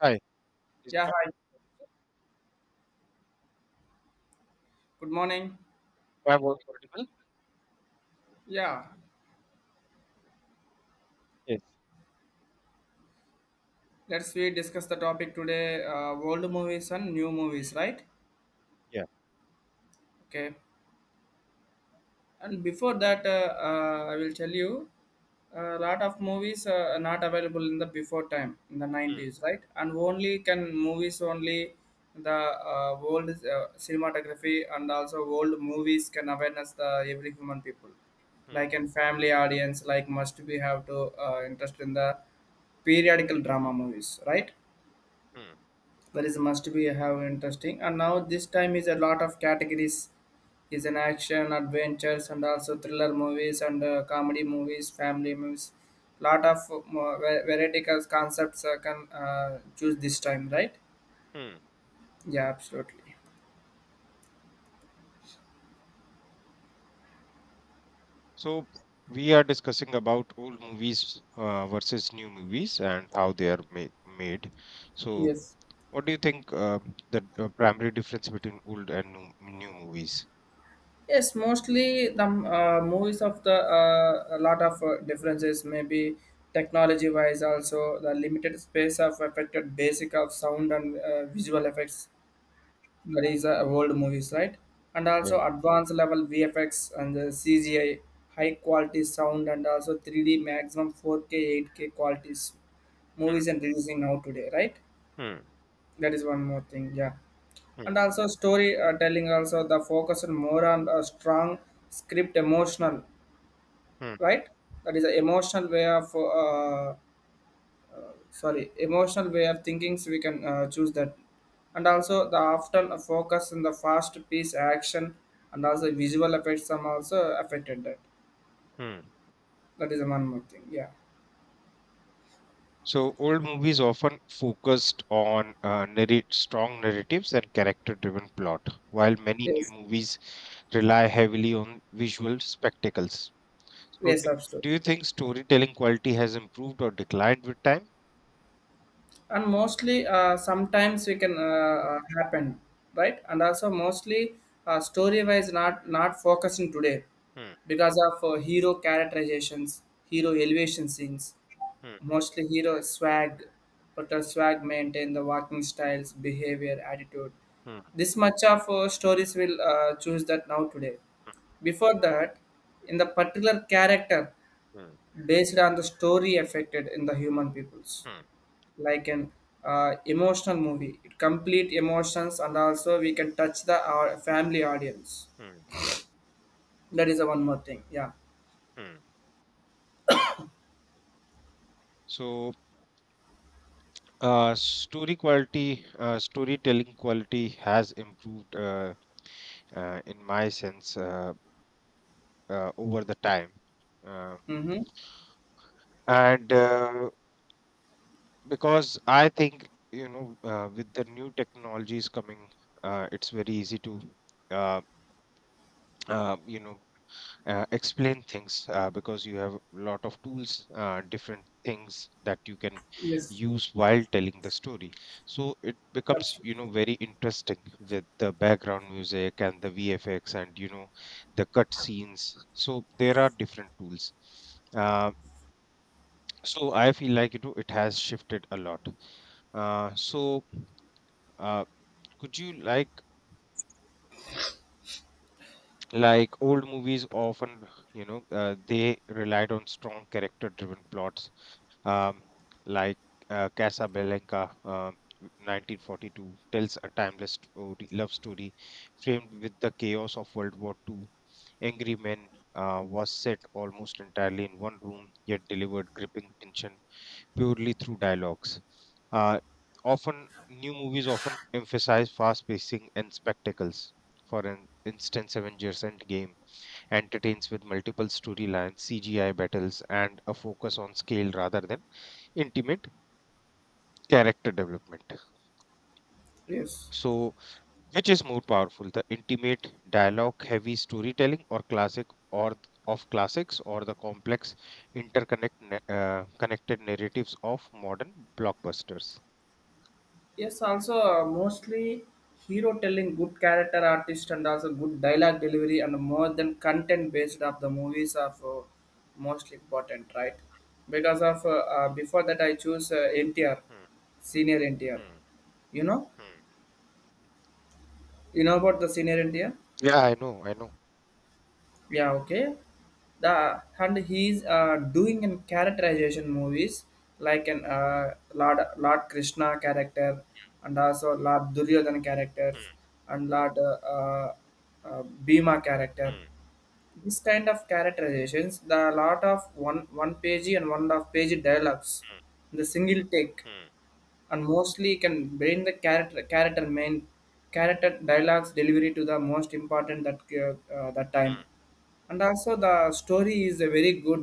Hi. Is Yeah, my hi. Good morning. my voice audible? Yeah, Yes. let's we discuss the topic today, old movies and new movies, right? Yeah. Okay. And before that, I will tell you a lot of movies are not available in the before time in the Hmm, 90s, right? And only can movies only the old cinematography and also old movies can awareness the every human people, hmm, like in family audience, like must we have to interest in the periodical drama movies, right? hmm, There is must be have interesting. And now this time is a lot of categories. Is an action, adventures, and also thriller movies and comedy movies, family movies. Lot of variety concepts can choose this time, right? hmm. Yeah, absolutely. So we are discussing about old movies versus new movies and how they are made. So Yes. what do you think the primary difference between old and new movies? Yes, mostly the movies of the a lot of differences, maybe technology wise, also the limited space of affected basic of sound and visual effects that is Hmm, old movies, right? And Yeah. also advanced level VFX and the CGI, high quality sound, and also 3D maximum 4K, 8K qualities movies and releasing now today, right? hmm, That is one more thing, yeah. hmm, And also story telling also the focus on more on a strong script, emotional, hmm, right? That is an emotional way of sorry emotional way of thinkings we can choose that, and also the often focus in the fast piece action and also visual effects are also affected that. hmm. That is one more thing, yeah. So old movies often focused on narrate strong narratives and character-driven plot, while many new Yes, movies rely heavily on visual spectacles. So, yes, do, absolutely. do you think storytelling quality has improved or declined with time? And mostly sometimes we can happen, right? And also mostly story wise not focusing today Hmm, because of hero characterizations, hero elevation scenes. hmm, Mostly hero swag, but her swag maintain the walking styles, behavior, attitude. hmm, This much of stories will choose that now today. Before that, in the particular character, hmm, based on the story affected in the human peoples, hmm, like an emotional movie, it complete emotions and also we can touch the our family audience. hmm, That is the one more thing. Yeah. hmm. So, storytelling quality has improved, in my sense, over the time. Uh, Mm-hmm. and because I think, with the new technologies coming, it's very easy to, uh, uh, you know, explain things because you have a lot of tools, different things that you can Yes. use while telling the story, so it becomes, Absolutely. Very interesting with the background music and the VFX and, the cut scenes. So there are different tools, uh, so I feel like, it has shifted a lot. uh, so uh, could you? Old movies often, they relied on strong character driven plots, um, like Casablanca, 1942, tells a timeless story, love story framed with the chaos of World War II. Angry Men was set almost entirely in one room, yet delivered gripping tension purely through dialogues. Uh, New movies often emphasize fast pacing and spectacles. For an instance, Avengers Endgame entertains with multiple storylines, CGI battles, and a focus on scale rather than intimate character development. Yes. So, which is more powerful, the intimate, dialogue heavy storytelling or classics, or the complex connected narratives of modern blockbusters? Yes, also mostly hero telling good character artist and also good dialogue delivery and more than content based of the movies are most important, right? Because of before that I choose NTR, Hmm, senior NTR. hmm, You know, hmm. you know about the senior NTR. Yeah, I know, I know. Yeah, okay. The and he's doing in characterization movies like an uh, lord Krishna character and also Lord Duryodhana characters Hmm. and Lord Bhima character. Hmm. This kind of characterizations, the lot of one page and one and a half page dialogues Hmm. in the single take, Hmm. and mostly can bring the character main character dialogues delivery to the most important that that time. Hmm. And also the story is a very good,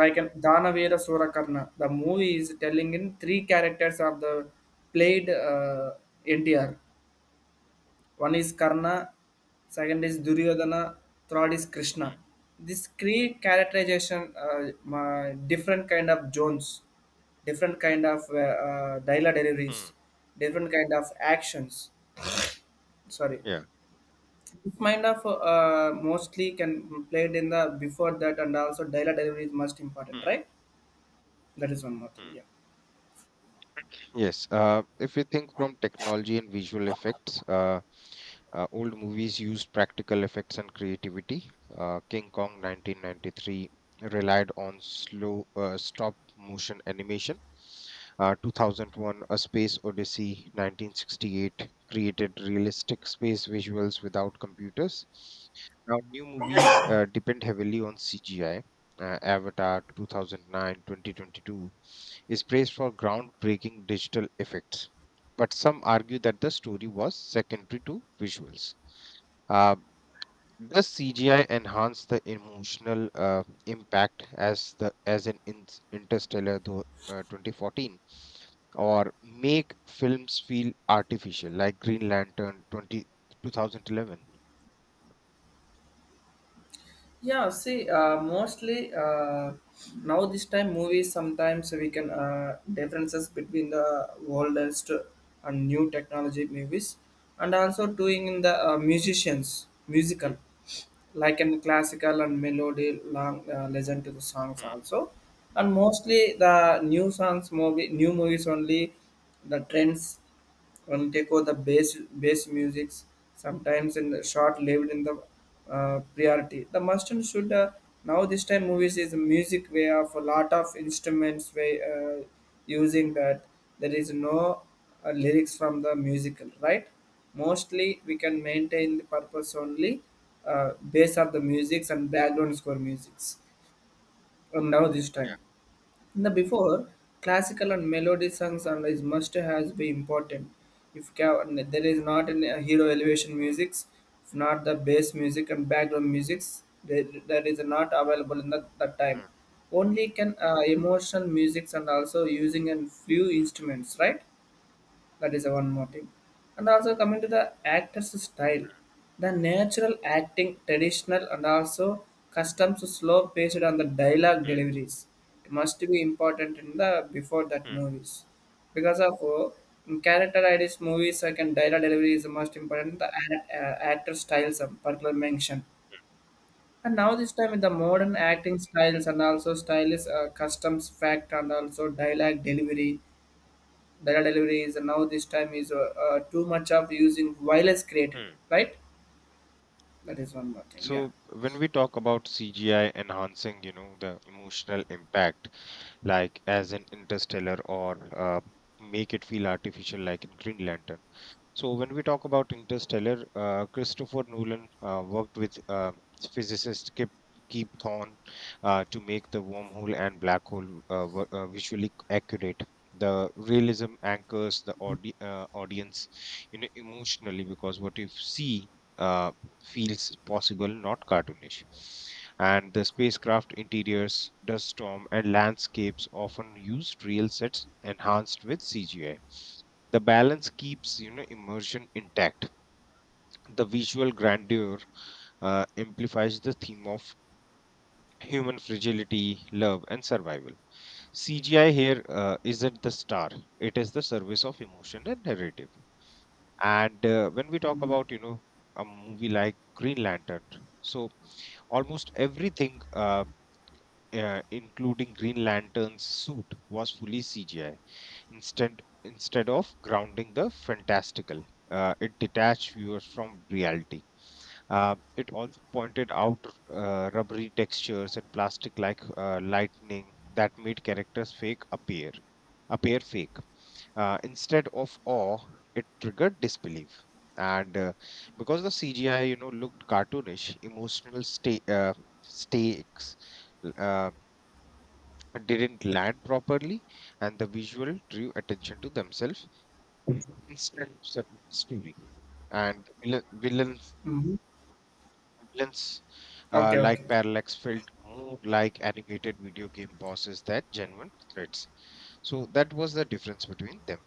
like an Danavera Surakarna, the movie is telling in three characters of the played NTR. One is Karna, second is Duryodhana, third is Hmm. Krishna. mm, This create characterization, different kind of zones, different kind of dialogue deliveries, mm, different kind of actions. Sorry, Yeah. this kind of mostly can played in the before that, and also dialogue delivery is most important, Hmm. right? That is one more thing. mm. Yeah. Yes, if you think from technology and visual effects, old movies used practical effects and creativity. King Kong 1993 relied on slow stop motion animation. 2001 A Space Odyssey 1968 created realistic space visuals without computers. Now, new movies depend heavily on CGI. Avatar 2009, 2022 is praised for groundbreaking digital effects, but some argue that the story was secondary to visuals. Uh, does CGI enhance the emotional impact as in Interstellar though, 2014, or make films feel artificial like Green Lantern 20 2011? Yeah, see, mostly now this time movies sometimes we can differences between the oldest and new technology movies, and also doing in the musicians Hmm, musical, like in classical and melody long listen to the songs hmm, also, and mostly the new songs movie new movies only the trends one take over the bass musics. Sometimes in the short-lived in the priority. The must and should now this time movies is a music way of a lot of instruments way using that, there is no lyrics from the musical, right. Mostly we can maintain the purpose only uh, base of the musics and background score musics. And now this time. yeah. In the before, classical and melody songs and is must has be important. If there is not an, a hero elevation musics, if not the bass music and background musics, there, that is not available in that time. hmm, Only can emotional musics and also using and few hmm, instruments, right? That is one more thing, and also coming to the actor's style, the natural acting traditional and also customs slow based on the dialogue deliveries, it must be important in the before that movies because of in character ideas movies I can dialogue delivery is the most important, the actor styles of particular mention. And now this time with the modern acting styles and also style is customs fact and also dialogue delivery data delivery is now this time is too much of using violence created, hmm. right? That is one more thing, yeah. So when we talk about CGI enhancing, the emotional impact, like as in Interstellar, or make it feel artificial, like in Green Lantern. So when we talk about Interstellar, Christopher Nolan worked with physicist Keep Thorne to make the wormhole and black hole visually accurate. The realism anchors the audience, emotionally, because what you see uh, feels possible, not cartoonish. And the spacecraft interiors, dust storm, and landscapes often used real sets enhanced with CGI. The balance keeps, immersion intact. The visual grandeur amplifies the theme of human fragility, love, and survival. CGI here isn't the star; it is the service of emotion and narrative. And when we talk Hmm. about, a movie like Green Lantern, so almost everything, including Green Lantern's suit, was fully CGI. Instead of grounding the fantastical, it detached viewers from reality. It also pointed out rubbery textures and plastic-like lightning that made characters fake appear appear fake. Instead of awe, it triggered disbelief. And because the CGI, looked cartoonish, emotional stakes uh, didn't land properly, and the visual drew attention to themselves. Instant sub- stealing. And Hmm. villains Okay, okay. like Parallax felt more like animated video game bosses than genuine threats. So that was the difference between them.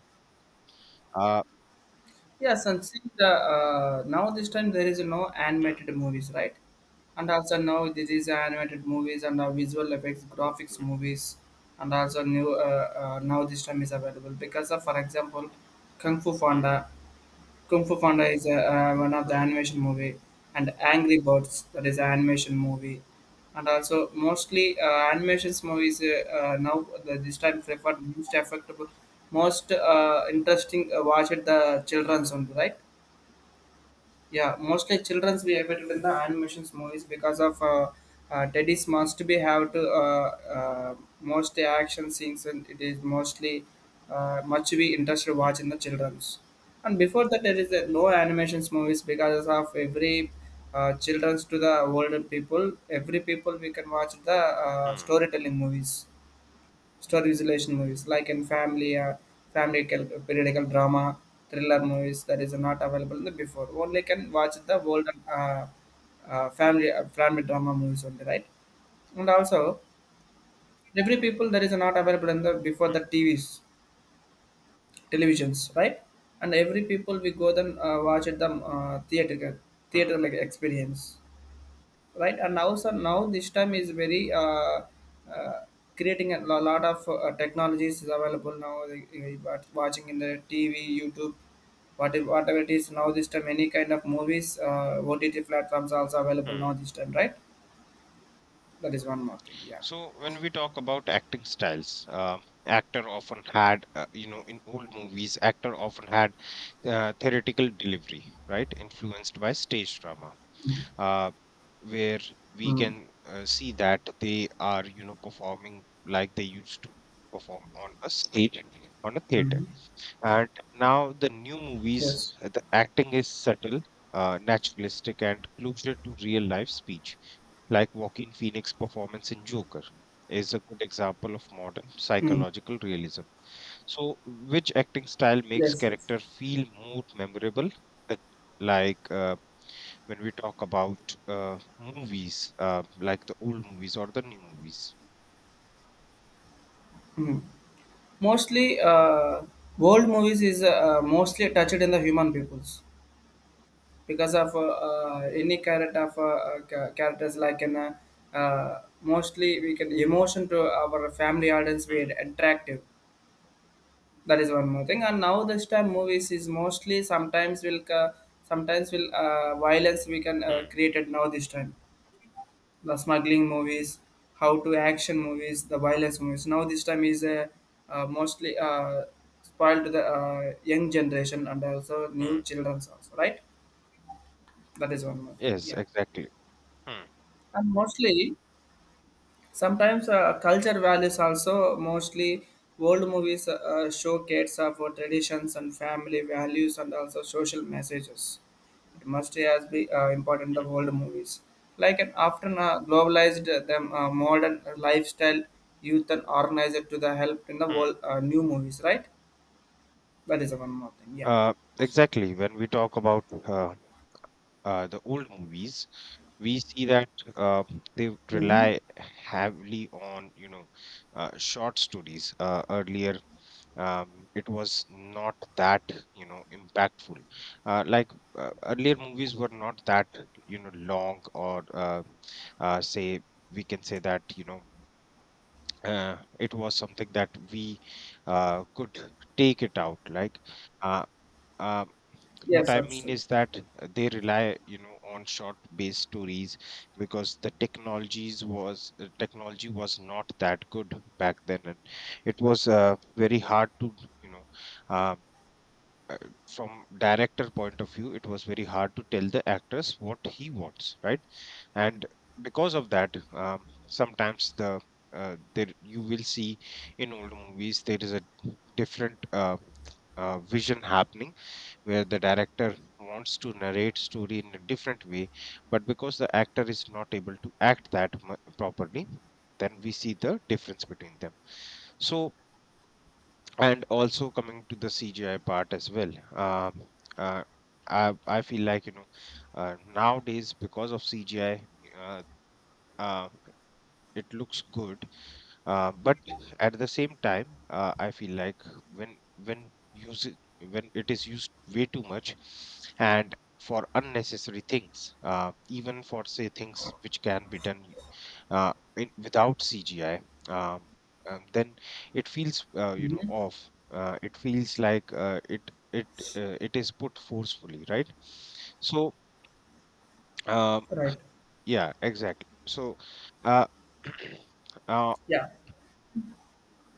Uh, Yes, and since the, now this time there is no mm, animated movies, right? And also now this is animated movies and now visual effects graphics mm, movies, and also new now this time is available because of, for example, Kung Fu Panda. Kung Fu Panda is a, one of the mm, animation movie, and Angry Birds, that is an animation movie, and also mostly animations movies now the, this time preferred most affectable, most interesting watch at the children's mm, one, right. Yeah, mostly childrens we have it in the animations movies because of daddies must be have to uh, most action scenes, and it is mostly much we interested watch in the childrens. And before that there is a no animations movies because of every childrens to the older people, every people we can watch the mm, storytelling movies, stories relation movies like in family periodical drama thriller movies, that is not available in the before, only can watch the world uh, uh, family drama movies only, right. And also every people that is not available in the before, mm, mm, the tvs, televisions, right. And every people we go then watch at the theater mm, like experience, right. And now so now this time is very uh, creating a lot of technologies is available now, like, but watching in the TV, YouTube, whatever it is, now this time any kind of movies OTT platforms also available now mm. this time, right. That is one more thing, yeah. So when we talk about acting styles, actor often had, you know, in old movies, actor often had theoretical delivery, right, influenced by stage drama, uh, where we Mm. can see that they are, performing like they used to perform on a stage, on a theater. Hmm. And now the new movies, Yes. The acting is subtle, naturalistic and closer to real life speech. Like Joaquin Phoenix performance in Joker is a good example of modern Mm. psychological realism. So which acting style makes Yes. Yes. character feel more memorable? Uh, like uh, when we talk about movies, like the old movies or the new movies. Mm. Mostly world movies is mostly touched Hmm. in the human peoples because of any character of characters like an mostly we can emotion to our family audience we Hmm. are attractive. That is one more thing. And now this time movies is mostly sometimes will violence we can Hmm. created now this time, the smuggling movies, how to action movies, the violence movies now this time is mostly spoiled to the young generation and also new Hmm. childrens also, right. That is one more thing, Yes, yeah. exactly. Hmm. And mostly, sometimes culture values also mostly old movies show kids of our traditions and family values and also social messages. It must as be important the Hmm. old movies. Like an often globalized them modern lifestyle youth and organizer to the help in the Hmm. world, new movies, right? That is one more thing. Yeah. Uh, exactly. When we talk about the old movies, we see that uh, they Hmm. rely heavily on, short stories. Earlier, it was not that, impactful, uh, like earlier movies were not that, long, or say we can say that, it was something that we could take it out, uh, uh, what Yes, I mean absolutely. is that they rely, on short based stories, because the technologies was technology was not that good back then, and it was very hard to, you know uh, uh, from director point of view, it was very hard to tell the actors what he wants, right? And because of that, sometimes the there you will see in old movies there is a different vision happening where the director wants to narrate story in a different way, but because the actor is not able to act properly, then we see the difference between them. So, and also coming to the CGI part as well. Uh, I feel like, nowadays, because of CGI, uh, uh, it looks good, but at the same time, I feel like when it is used way too much, and for unnecessary things, even for, say, things which can be done without CGI, um, then it feels, Hmm. off. It feels like it is put forcefully, right? So um, Right. yeah, exactly. So uh, uh, Yeah.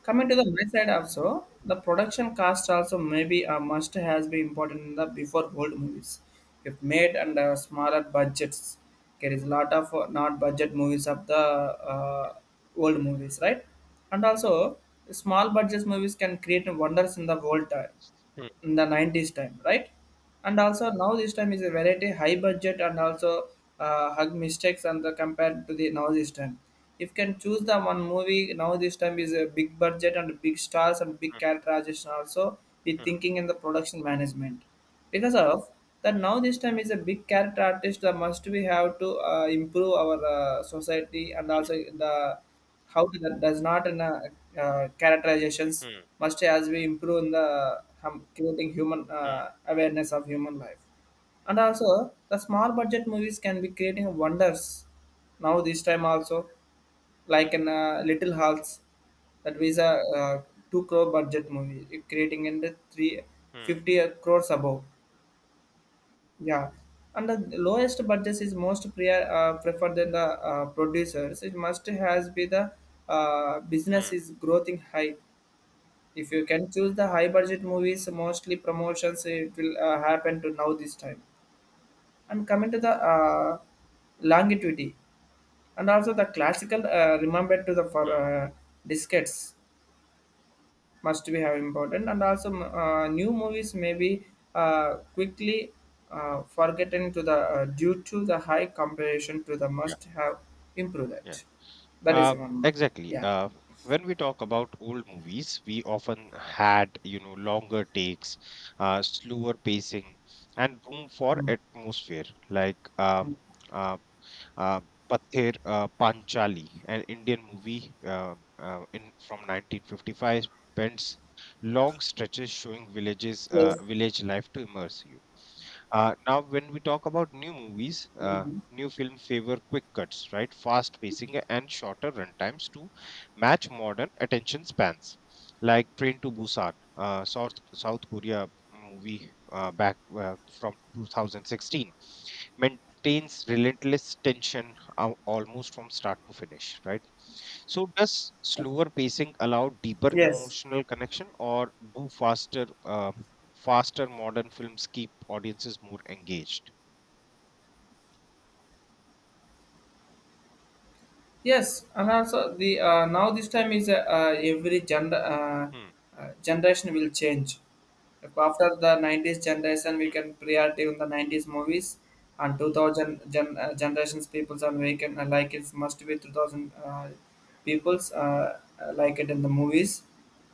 Coming to the my side also, the production cost also maybe a must has been important in the before old movies. If made under smaller budgets, there is a lot of not budget movies of the old movies, right? And also, small budget movies can create wonders in the world time, Hmm, in the 90s time, right. And also now this time is a variety high budget and also hug mistakes and the compared to the now this time, if you can choose the one movie now this time is a big budget and big stars and big characterization also be hmm, thinking in the production management because of that now this time is a big character artist that must we have to improve our society, and also hmm. the how that does not in characterizations Hmm, must as we improve in the hum, creating human hmm, awareness of human life. And also the small budget movies can be creating wonders now this time also, like hmm, in little halls. That was a uh, 2 crore budget movie, it creating in the hmm, 350 crores above, yeah. And the lowest budget is most preferred than the producers. It must has be the business hmm, is growing high. If you can choose the high budget movies, mostly promotions, it will happen to now this time. And coming to the longevity, and also the classical remembered to the for hmm. Discs must be have important and also new movies may be quickly forgotten to the due to the high comparison to the Yeah, must have improved yeah. it. That is Uh, one more thing, exactly. yeah. When we talk about old movies, we often had, longer takes, slower pacing, and room for Mm. atmosphere, like uh, Mm. uh, uh, Pather Panchali, an Indian movie, in from 1955, spends long stretches showing Yes. village life to immerse you. Now, when we talk about new movies, Mhm. new film favor quick cuts, right? Fast pacing and shorter runtimes to match modern attention spans. Like Train to Busan, South South Korea movie back from 2016, maintains relentless tension almost from start to finish, right? So, does slower pacing allow deeper Yes. emotional connection, or do faster modern films keep audiences more engaged? Yes, and also the now this time is every gender Hmm. Generation will change. If after the nineties generation, we Hmm. can priority on the nineties movies, and 2000 gen, generations peoples and we can like it must be 2000 peoples like it in the movies.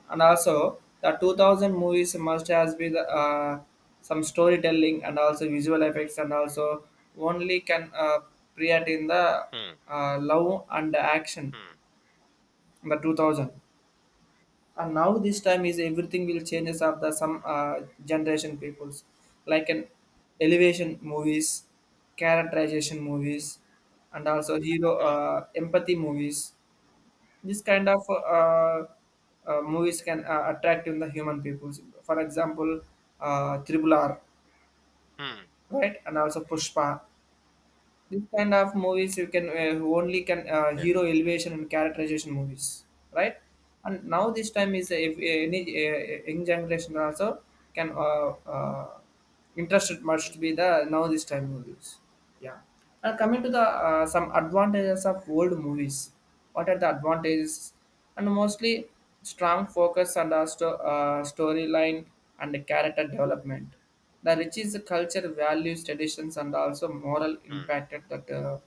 And also, the 2000 movies must has been some storytelling and also visual effects and also only can create in the Hmm. Love and action Hmm. in the 2000. And now this time is everything will changes of the some Hmm. Generation peoples like an elevation movies, characterization movies, and also hero empathy movies, this kind of movies can attract in the human peoples. For example, Triple R, Hmm. hmm. right, and also Pushpa. This kind of movies you can only can Yeah. hero elevation and characterization movies, right? And now this time is if any young generation also can interested much to Hmm. be the now this time movies. Yeah. And coming to the some advantages of old movies, what are the advantages, and mostly strong focus on the storyline and the character development, the rich is the culture values traditions and also moral Hmm. impact at that,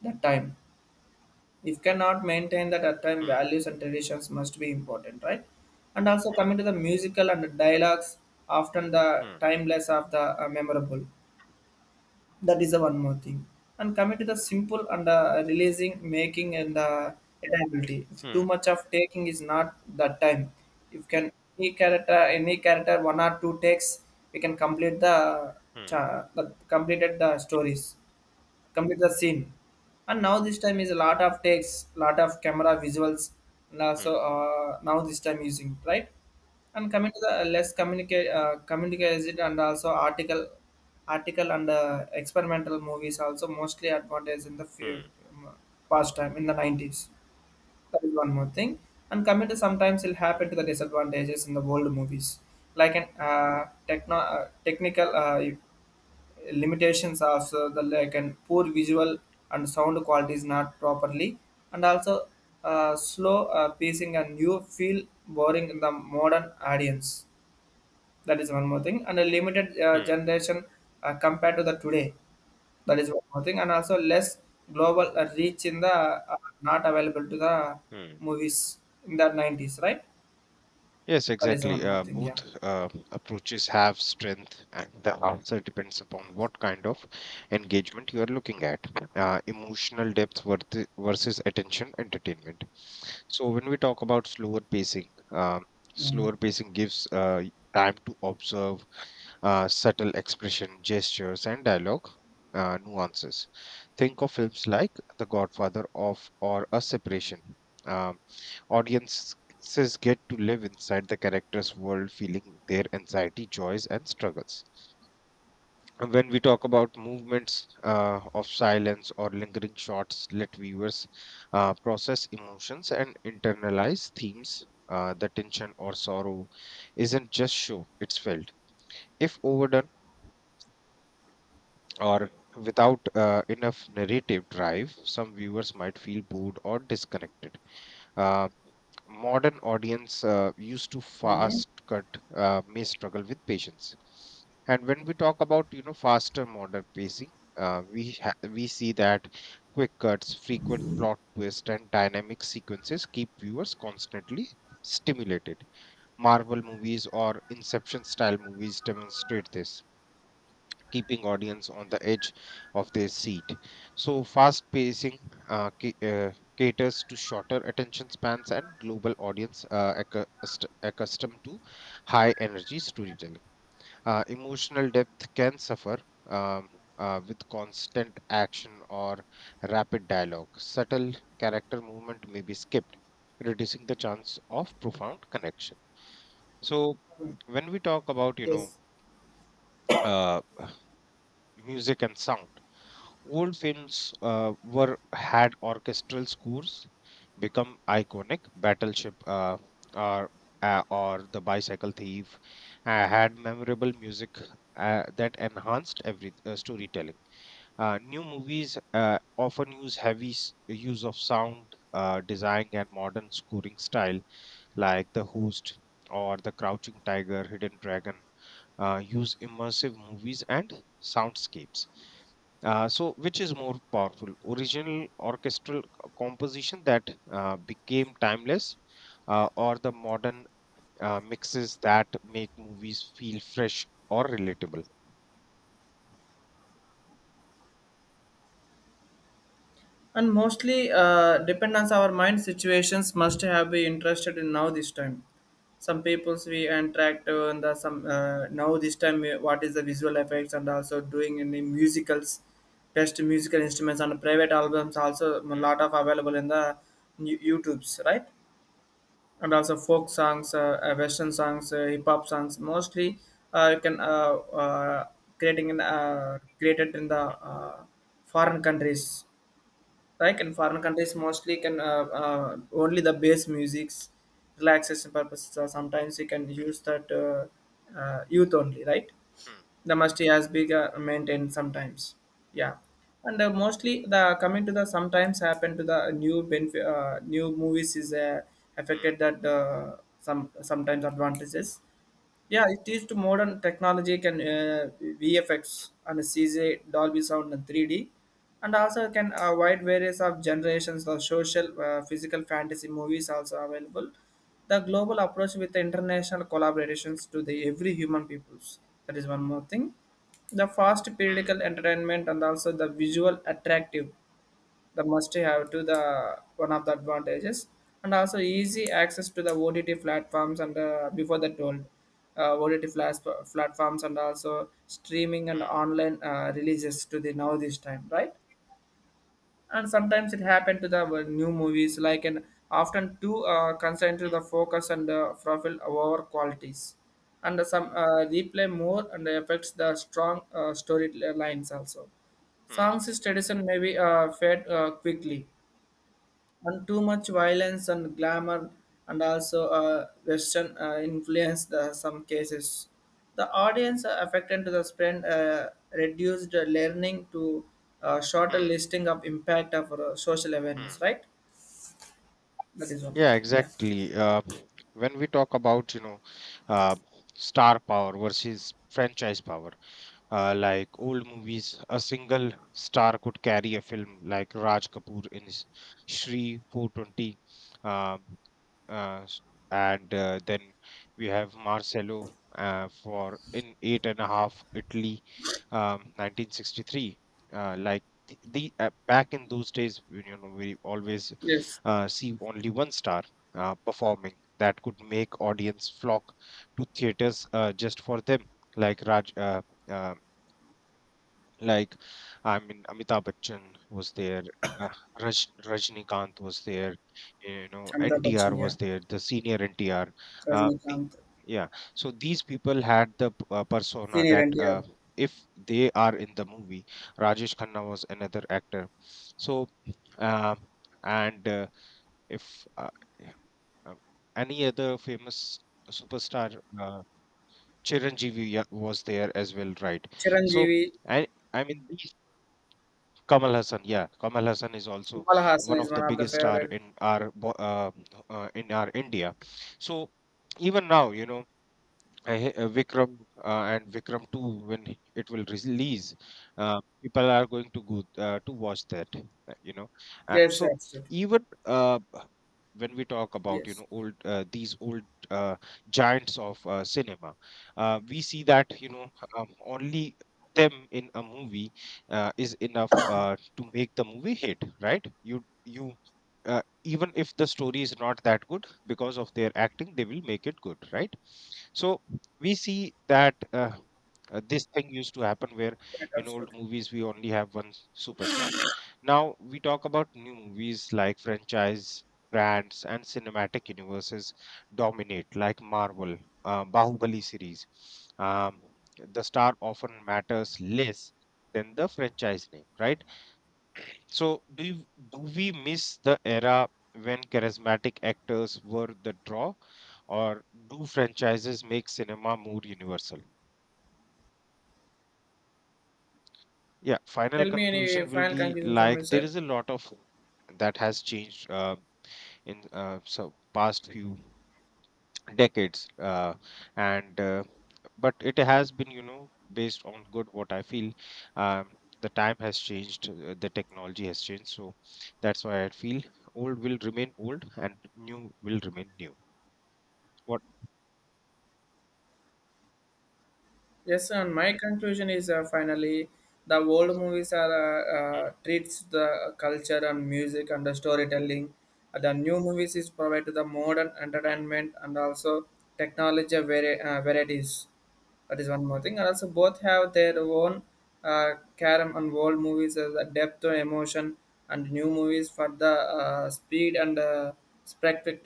that time. If cannot maintain that at time Hmm. values and traditions must be important, right? And also coming to the musical and the dialogues, often the Hmm. timeless of the memorable. That is the one more thing. And coming to the simple and releasing making and adaptability, if too Hmm. much of taking is not that time, if can any character one or two takes, we can complete the Hmm. The completed the stories, complete the scene. And now this time is a lot of takes, lot of camera visuals, and Hmm. also now this time using, right? And coming to the less communicated and also article, article and experimental movies also mostly advantage in the few Hmm. um, past time in the 90s. That is one more thing. And coming to sometimes it'll Hmm. Hmm. happen to the disadvantages in the old movies, like an techno technical limitations of the like, and poor visual and sound quality is not properly, and also slow pacing and you feel boring in the modern audience. That is one more thing, and a limited Hmm. generation compared to the today. That is one more thing, and also less global reach in the not available to the hmm. movies in the nineties, right? Yes, That is one exactly. more thing. Yeah. Both approaches have strength, and the answer depends upon what kind of engagement you are looking at. Emotional depth versus attention entertainment. So, when we talk about Yeah. slower pacing gives time to observe subtle expression, gestures, and dialogue nuances. Think of films like The Godfather of or A Separation. Um, audience Authors get to live inside the character's world, feeling their anxiety, joys, and struggles. And when we talk about movements of silence or lingering shots, let viewers process emotions and internalize themes. The tension or sorrow isn't just show, it's felt. If overdone, or without enough narrative drive, some viewers might feel bored or disconnected. Uh, Modern audience used to Mm-hmm. fast cut may struggle with patience. And when we talk about, faster modern pacing, we see that quick cuts, frequent plot twists, and dynamic sequences keep viewers constantly stimulated. Marvel movies or Inception style movies demonstrate this, keeping audience on the edge of their seat. So fast pacing caters to shorter attention spans and global audience accustomed to high energy storytelling. Emotional depth can suffer. Um, with constant action or rapid dialogue, subtle character movement may be skipped, reducing the chance of profound connection. So, when we talk about, Yes. uh, music and sound. Old films were had orchestral scores, become iconic. Battleship, or or The Bicycle Thief had memorable music that enhanced every storytelling. New movies often use of sound design and modern scoring style, like The Host or The Crouching Tiger, Hidden Dragon use immersive movies and soundscapes. So which is more powerful, original orchestral composition that became timeless, or the modern mixes that make movies feel fresh or relatable? And mostly dependence our mind situations must have been interested in now this time, some peoples we interact and the, some now this time what is the visual effects and also doing any musicals, best musical instruments and private albums also a Hmm, lot of available in the youtubes, right? And also folk songs, western songs, hip hop songs, mostly you can uh, creating in created in the uh, foreign countries, like in foreign countries mostly can only the bass musics, relaxation purposes, or sometimes you can use that youth only, right? The musty has been maintained sometimes. Yeah. And mostly the coming to the sometimes happen to the new movies is hmm, affected that some sometimes advantages. Yeah, it is to modern technology can VFX and CJ Dolby Sound and 3D, and also can wide various of generations of social, physical fantasy movies also available. The global approach with the international collaborations to the every human peoples. That is one more thing. The fast hmm, periodical entertainment and also the visual attractive, the must have to the one of the advantages. And also easy access to the OTT platforms, and before that told, uh, OTT flas- platforms and also streaming and hmm, online releases to the now this time, right? And sometimes it happened to the new movies like an often too concerned to hmm, the focus and profile over qualities, and some replay more and affects the hmm, strong story lines also, hmm, hmm, songs is tradition may be fade quickly, and too much violence and glamour, and also western influence the some cases, the audience are affected to the spread reduced learning to shorter hmm. listing of impact of social awareness, hmm. right? That is one more Yeah, thing. Yeah. exactly. When we talk about, uh, star power versus franchise power, like old movies, a single star could carry a film like Raj Kapoor in his Shri 420, uh, s- and then we have Marcelo for in Eight and a Half, Italy, 1963. Like the back in those days, you know, we always Yes. See only one star performing that could make audience flock to theaters, just for them, like Raj. Um, like, I mean, Amitabh Bachchan was there, uh, Rajnikant was there, you know, Amitabh NTR Bachchan, yeah. was there, the senior NTR. Uh, I- Rajnikant. yeah, so these people had the persona Senior that NTR. If they are in the movie... Rajesh Khanna was another actor. So, uh, and if yeah, uh, any other famous superstar, Chiranjeevi, yeah, was there as well, right? So, Chiranjeevi. I I mean, Kamal Hassan, yeah, Kamal Hassan is also Kamal Hassan one is of one the of the biggest star favorite. in our India. So even now, you know, Vikram and Vikram 2, when it will release, people are going to go to watch that. You know, Yes, so absolutely. even when we talk about, Yes. Old these old uh, giants of cinema, we see that, only them in a movie is enough to make the movie hit, right? You you. Even if the story is not that good, because of their acting they will make it good, right? So we see that this thing used to happen where Right, in old absolutely. movies we only have superstar. Now we talk about new movies, like franchise brands and cinematic universes dominate, like Marvel, Bahubali series. um, the star often matters less than the franchise name, right? So do we miss the era when charismatic actors were the draw, or do franchises make cinema more universal? Yeah, final Tell me any conclusion will final be, conclusion from your like, there side. is a lot of that has changed in so past few decades, and but it has been, you know, based on good, what I feel. um, the time has changed, the technology has changed, so that's why I feel old will remain old and new will remain new. What? Yes, and my conclusion is finally the old movies are treats the culture and music and the storytelling. The new movies is provide the modern entertainment and also varieties. That is one more thing. And also both have their own uh, charm, and old movies as the depth of emotion, and new movies for the speed and spectacle.